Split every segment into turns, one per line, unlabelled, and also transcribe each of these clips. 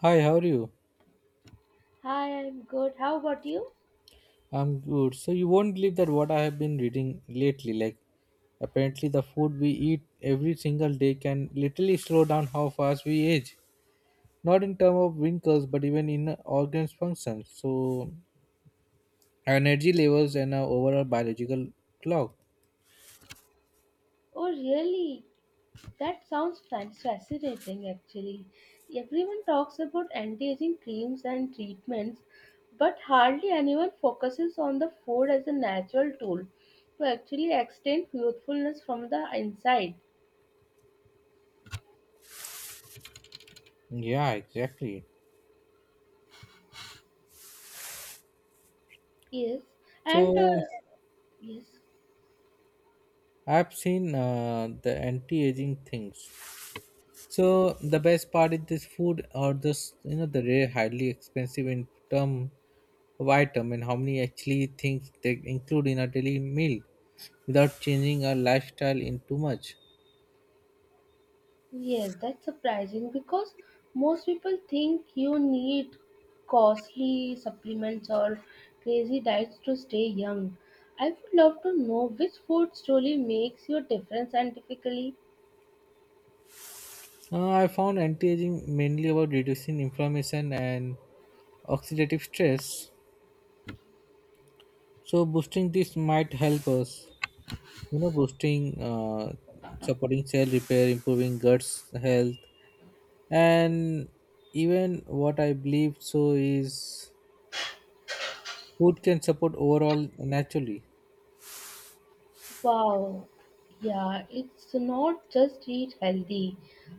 Hi, how are you?
Hi, I'm good. How about you?
I'm good. So you won't believe that what I have been reading lately. Apparently the food we eat every single day can literally slow down how fast we age. Not in terms of wrinkles, but even in organs functions. So our energy levels and our overall biological clock.
Oh, really? That sounds fascinating, actually. Everyone talks about anti-aging creams and treatments, but hardly anyone focuses on the food as a natural tool to actually extend youthfulness from the inside.
Yeah, exactly.
Yes, and
So
yes.
I've seen the anti-aging things. So the best part is this food or this the rare highly expensive in term of item and how many actually things they include in a daily meal without changing our lifestyle in too much.
Yes, that's surprising because most people think you need costly supplements or crazy diets to stay young. I would love to know which food truly makes your difference scientifically.
I found anti-aging mainly about reducing inflammation and oxidative stress. So boosting this might help us, you know, boosting, uh, supporting cell repair, improving guts health, and even what I believe so is food can support overall naturally.
Wow, yeah, it's not just eat healthy.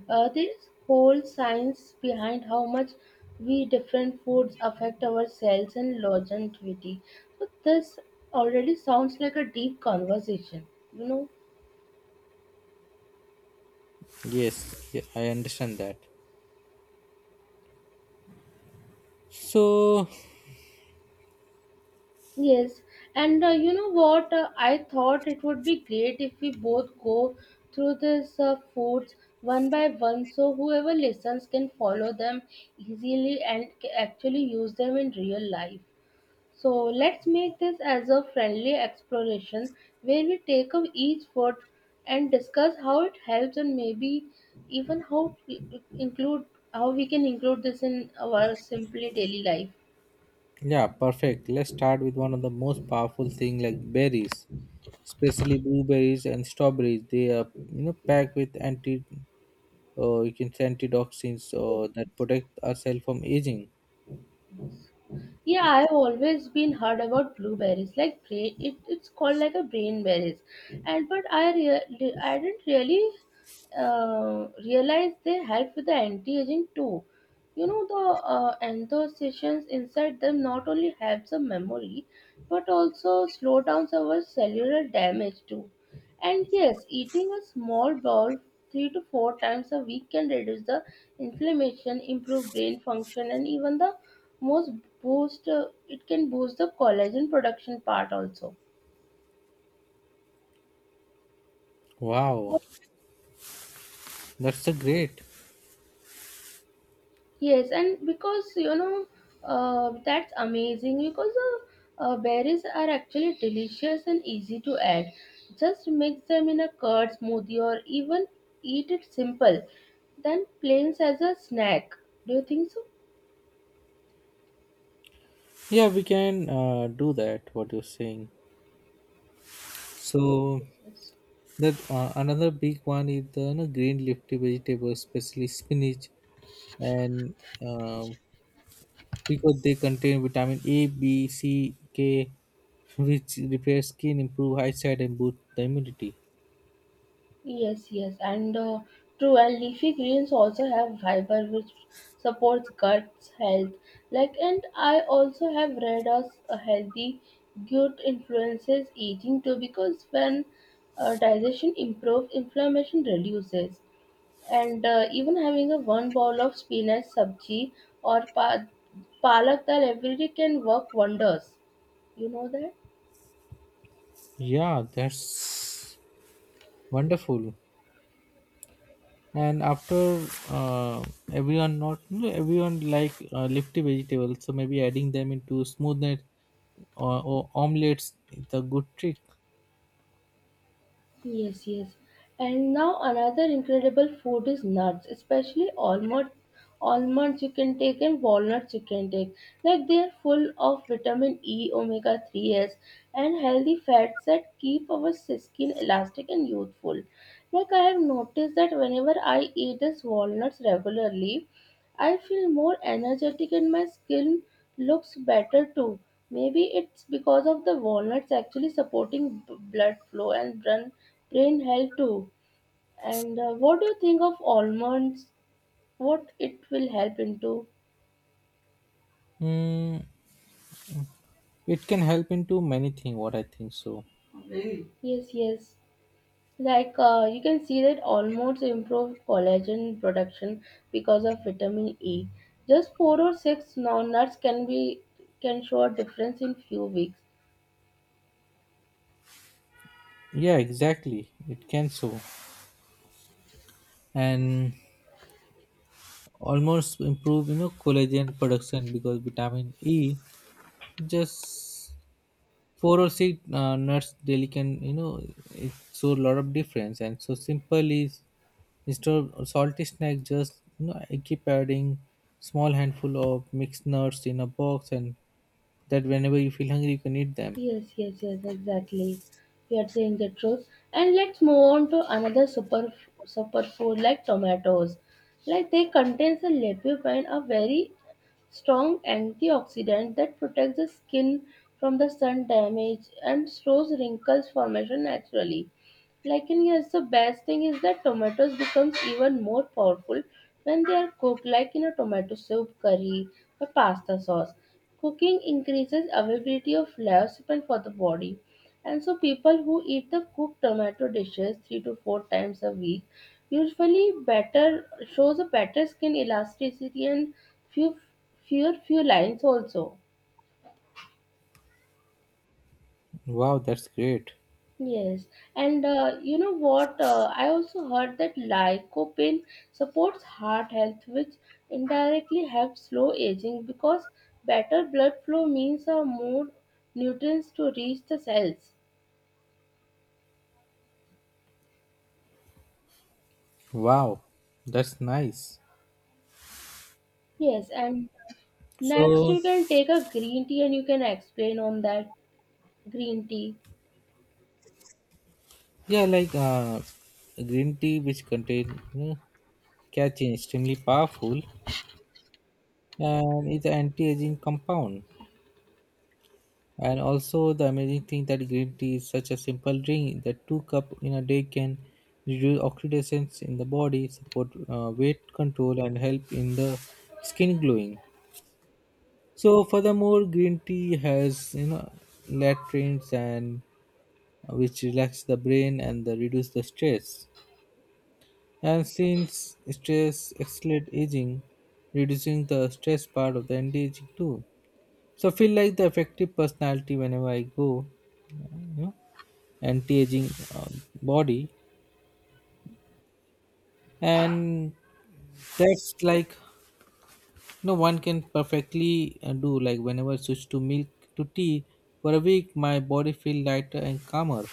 There is whole science behind how much we different foods affect our cells and longevity. So this already sounds like a deep conversation, you know.
Yes. Yeah, I understand that. So
Yes, and you know what? I thought it would be great if we both go through these foods one by one so whoever listens can follow them easily and actually use them in real life. So let's make this as a friendly exploration where we take up each food and discuss how it helps and maybe even how we include how we can include this in our simply daily life.
yeah, perfect. Let's start with one of the most powerful thing like berries, especially blueberries and strawberries. They are packed with anti you can say antioxidants that protect ourselves from aging.
Yeah, I've always been heard about blueberries, like brain. It's called like a brain berries, and but I didn't really realize they help with the anti-aging too. You know the anthocyanins inside them not only helps the memory, but also slow down our cellular damage too. And yes, eating a small bowl three to four times a week can reduce the inflammation, improve brain function, and even the most boost it can boost the collagen production part also.
Wow, that's so great.
Yes, and because you know that's amazing because berries are actually delicious and easy to add, just mix them in a curd smoothie or even eat it simple then plain as a snack. Do you think so?
Yeah, we can do that what you're saying. So that another big one is the green leafy vegetables, especially spinach. And uh, because they contain vitamin A, B, C, K, which repair skin, improve eyesight, and boost the immunity.
Yes, yes, and true. And leafy greens also have fiber, which supports guts health. Like, and I also have read as a healthy gut influences aging too, because when digestion improves, inflammation reduces. And even having a one bowl of spinach, sabji, or palak dal every day can work wonders. You know that?
Yeah, that's wonderful. And after everyone, not you, everyone like leafy vegetables, so maybe adding them into smoothness or omelets is a good trick.
Yes, yes. And now another incredible food is nuts, especially almonds you can take and walnuts you can take. Like they are full of vitamin E, omega 3s and healthy fats that keep our skin elastic and youthful. Like I have noticed that whenever I eat these walnuts regularly, I feel more energetic and my skin looks better too. Maybe it's because of the walnuts actually supporting blood flow and brain health too. And what do you think of almonds? What it will help into?
Mm, it can help into many things. What I think so.
Really? Yes, yes. Like you can see that almonds improve collagen production because of vitamin E. Just four or six non-nuts can show a difference in few weeks.
Yeah, exactly. It can, so and almost improve collagen production because vitamin e, just four or six nuts daily can, it show a lot of difference. And so simple is, instead of salty snack, just I keep adding small handful of mixed nuts in a box, and that whenever you feel hungry you can eat them.
Yes, yes, yes, exactly. You are saying the truth. And let's move on to another super food like tomatoes. Like they contains a lycopene, a very strong antioxidant that protects the skin from the sun damage and slows wrinkles formation naturally. Like in yes, the best thing is that tomatoes becomes even more powerful when they are cooked like in a tomato soup, curry, or pasta sauce. Cooking increases availability of leucopene for the body. And so people who eat the cooked tomato dishes three to four times a week usually better shows a better skin elasticity and few few lines also.
Wow, that's great.
Yes, and you know what? I also heard that lycopene supports heart health, which indirectly helps slow aging because better blood flow means more nutrients to reach the cells.
Wow, that's nice.
Yes, and next
So
you can take a green tea and you can explain on that green tea.
yeah, green tea, which contain catechins, extremely powerful, and it's an anti-aging compound. And also the amazing thing that green tea is such a simple drink that two cup in a day can reduce oxidations in the body, support weight control, and help in the skin glowing. So furthermore, green tea has latrines and which relax the brain and the reduce the stress. And since stress accelerates aging, reducing the stress part of the anti-aging too. So I feel like the effective personality whenever I go, you know, anti-aging uh, body, and that's like no one can perfectly do. Like whenever I switch to milk to tea for a week, my body feel lighter and calmer.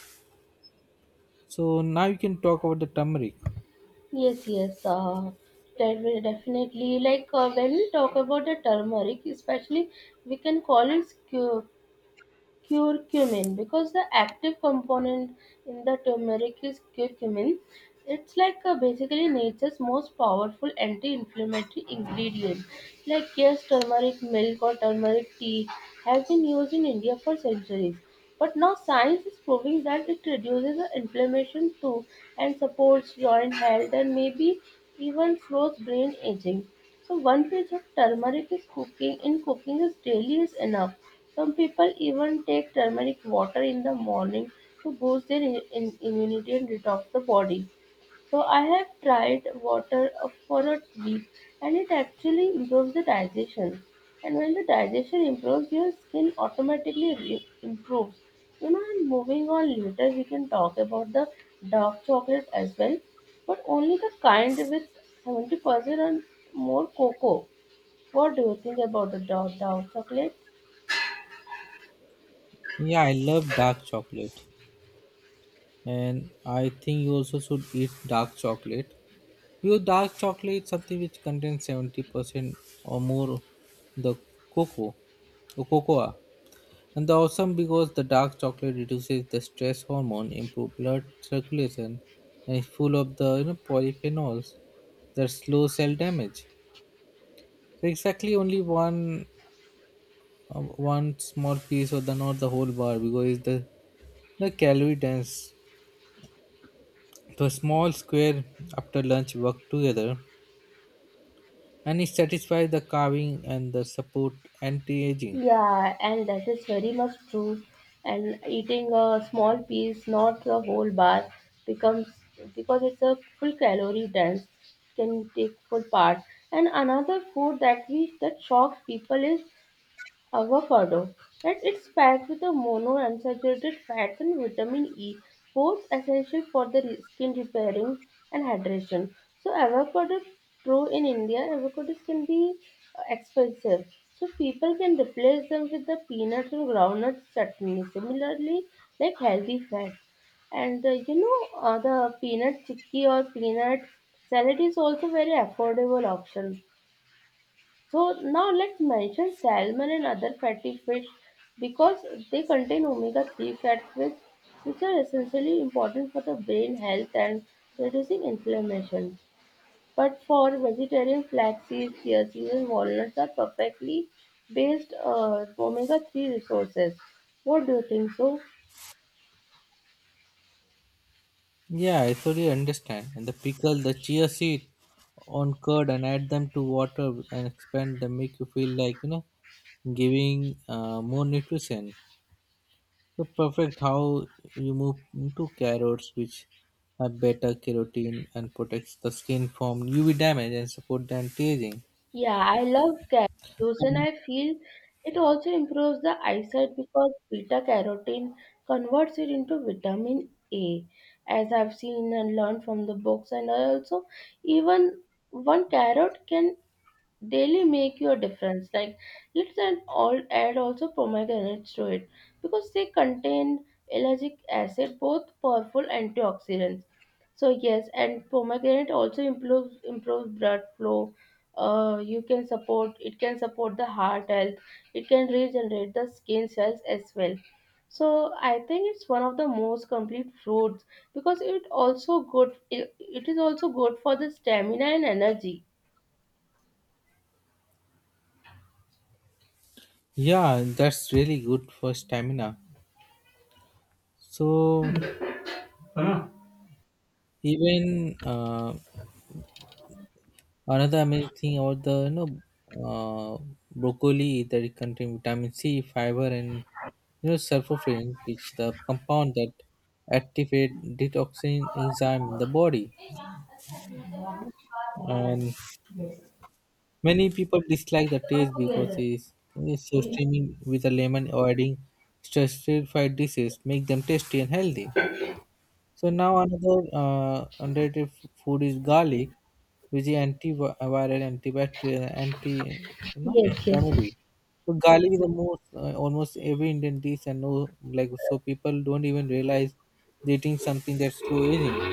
So now you can talk about the turmeric.
Yes, yes, that will definitely. Like when we talk about the turmeric, especially we can call it curcumin because the active component in the turmeric is curcumin, it's like basically nature's most powerful anti-inflammatory ingredient, like yes, turmeric milk or turmeric tea has been used in India for centuries. But now science is proving that it reduces the inflammation too and supports joint health and maybe even slows brain aging. So one pinch of turmeric is cooking in cooking is daily is enough. Some people even take turmeric water in the morning to boost their immunity and detox the body. So I have tried water for a week and it actually improves the digestion. And when the digestion improves, your skin automatically improves. You know, and moving on later, we can talk about the dark chocolate as well, but only the kind with 70% and more cocoa. What do you think about the dark chocolate?
Yeah, I love dark chocolate, and I think you also should eat dark chocolate because dark chocolate is something which contains 70% or more the cocoa, or cocoa. And the awesome because the dark chocolate reduces the stress hormone, improve blood circulation, and is full of the polyphenols that slow cell damage. So exactly only one small piece or the not the whole bar because it's the calorie dense. So a small square after lunch work together, and it satisfies the carving and the support anti-aging.
Yeah, and that is very much true. And eating a small piece, not the whole bar, becomes because it's a full calorie dense, can take full part. And another food that we that shocks people is avocado, that it's packed with a monounsaturated fats and vitamin E, both essential for the skin repairing and hydration. So avocado grow in India, avocados can be expensive. So people can replace them with the peanuts and groundnuts chutney. Similarly, like healthy fats. And the peanut chickpea or peanut salad is also very affordable option. So now let's mention salmon and other fatty fish because they contain omega-3 which are essentially important for the brain health and reducing inflammation. But for vegetarian flax seeds, chia seeds and walnuts are perfectly based omega-3 resources. What do you think so?
Yeah, I totally understand. And the pickle, the chia seed on curd and add them to water and expand them, make you feel like, giving more nutrition. So perfect how you move into carrots, which have beta carotene and protects the skin from UV damage and support the anti-aging.
Yeah, I love carrots and
Um,
I feel it also improves the eyesight because beta carotene converts it into vitamin A, as I've seen and learned from the books. And I also, even one carrot can daily make your difference like all add also pomegranates to it because they contain allergic acid both powerful antioxidants. So yes, and pomegranate also improves blood flow. You can support It can support the heart health. It can regenerate the skin cells as well. So I think it's one of the most complete fruits because it also it is also good for the stamina and energy.
Yeah, that's really good for stamina. So
Huh?
even another amazing thing about the uh, broccoli is that it contains vitamin C, fiber, and sulforaphane, which the compound that activate detoxing enzyme in the body. And many people dislike the taste because it's so steaming with a lemon or adding stress-fried dishes make them tasty and healthy. So now another underrated food is garlic, which is antiviral, antibacterial, anti you know
예, 예.
family. So garlic is the most almost every Indian dish and no like so people don't even realize they're eating something that's slow aging.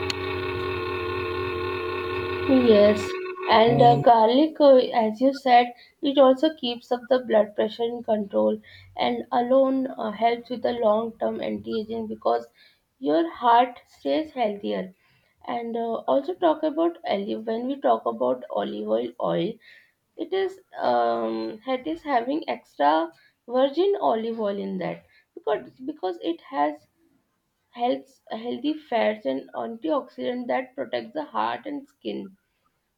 Yes, and
And
garlic, as you said, it also keeps up the blood pressure in control and alone helps with the long term anti aging because your heart stays healthier. And also, talk about olive when we talk about olive oil, it is having extra virgin olive oil in that because it has healthy fats and antioxidant that protects the heart and skin.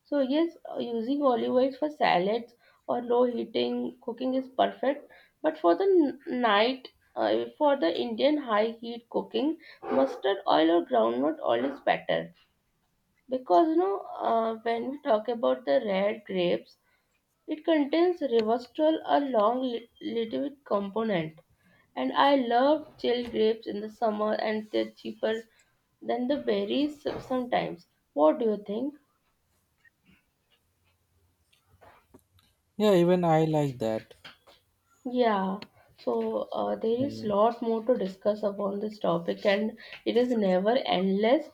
So yes, using olive oils for salads or low heating cooking is perfect, but for the for the Indian high heat cooking, mustard oil or groundnut oil is better. Because you know when we talk about the red grapes, it contains resveratrol, a long litified component, and I love chilled grapes in the summer and they're cheaper than the berries sometimes. What do you think?
yeah, even I like that.
Yeah, so there is
And
lot more to discuss upon this topic, and it is never endless.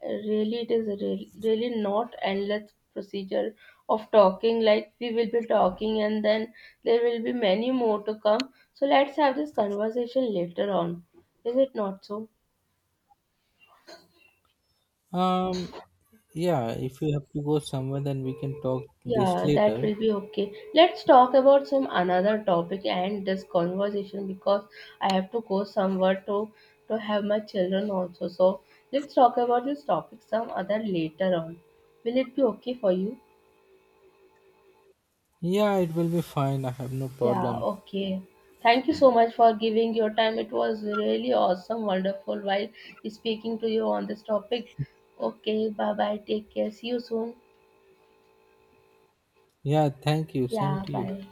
Really, it is really not endless procedure of talking. Like we will be talking, and then there will be many more to come. So let's have this conversation later on. Is it not so?
um yeah, if you have to go somewhere then we can talk this
Yeah, that
later.
will be okay. Let's talk about some another topic and this conversation because I have to go somewhere to have my children also. So let's talk about this topic some other later on. Will it be okay for you?
Yeah, it will be fine. I have no
Yeah,
problem.
okay. Thank you so much for giving your time. It was really awesome, wonderful while speaking to you on this topic. Okay, bye bye. Take care. See you soon.
Yeah, thank you. Same
Yeah,
to you.
bye.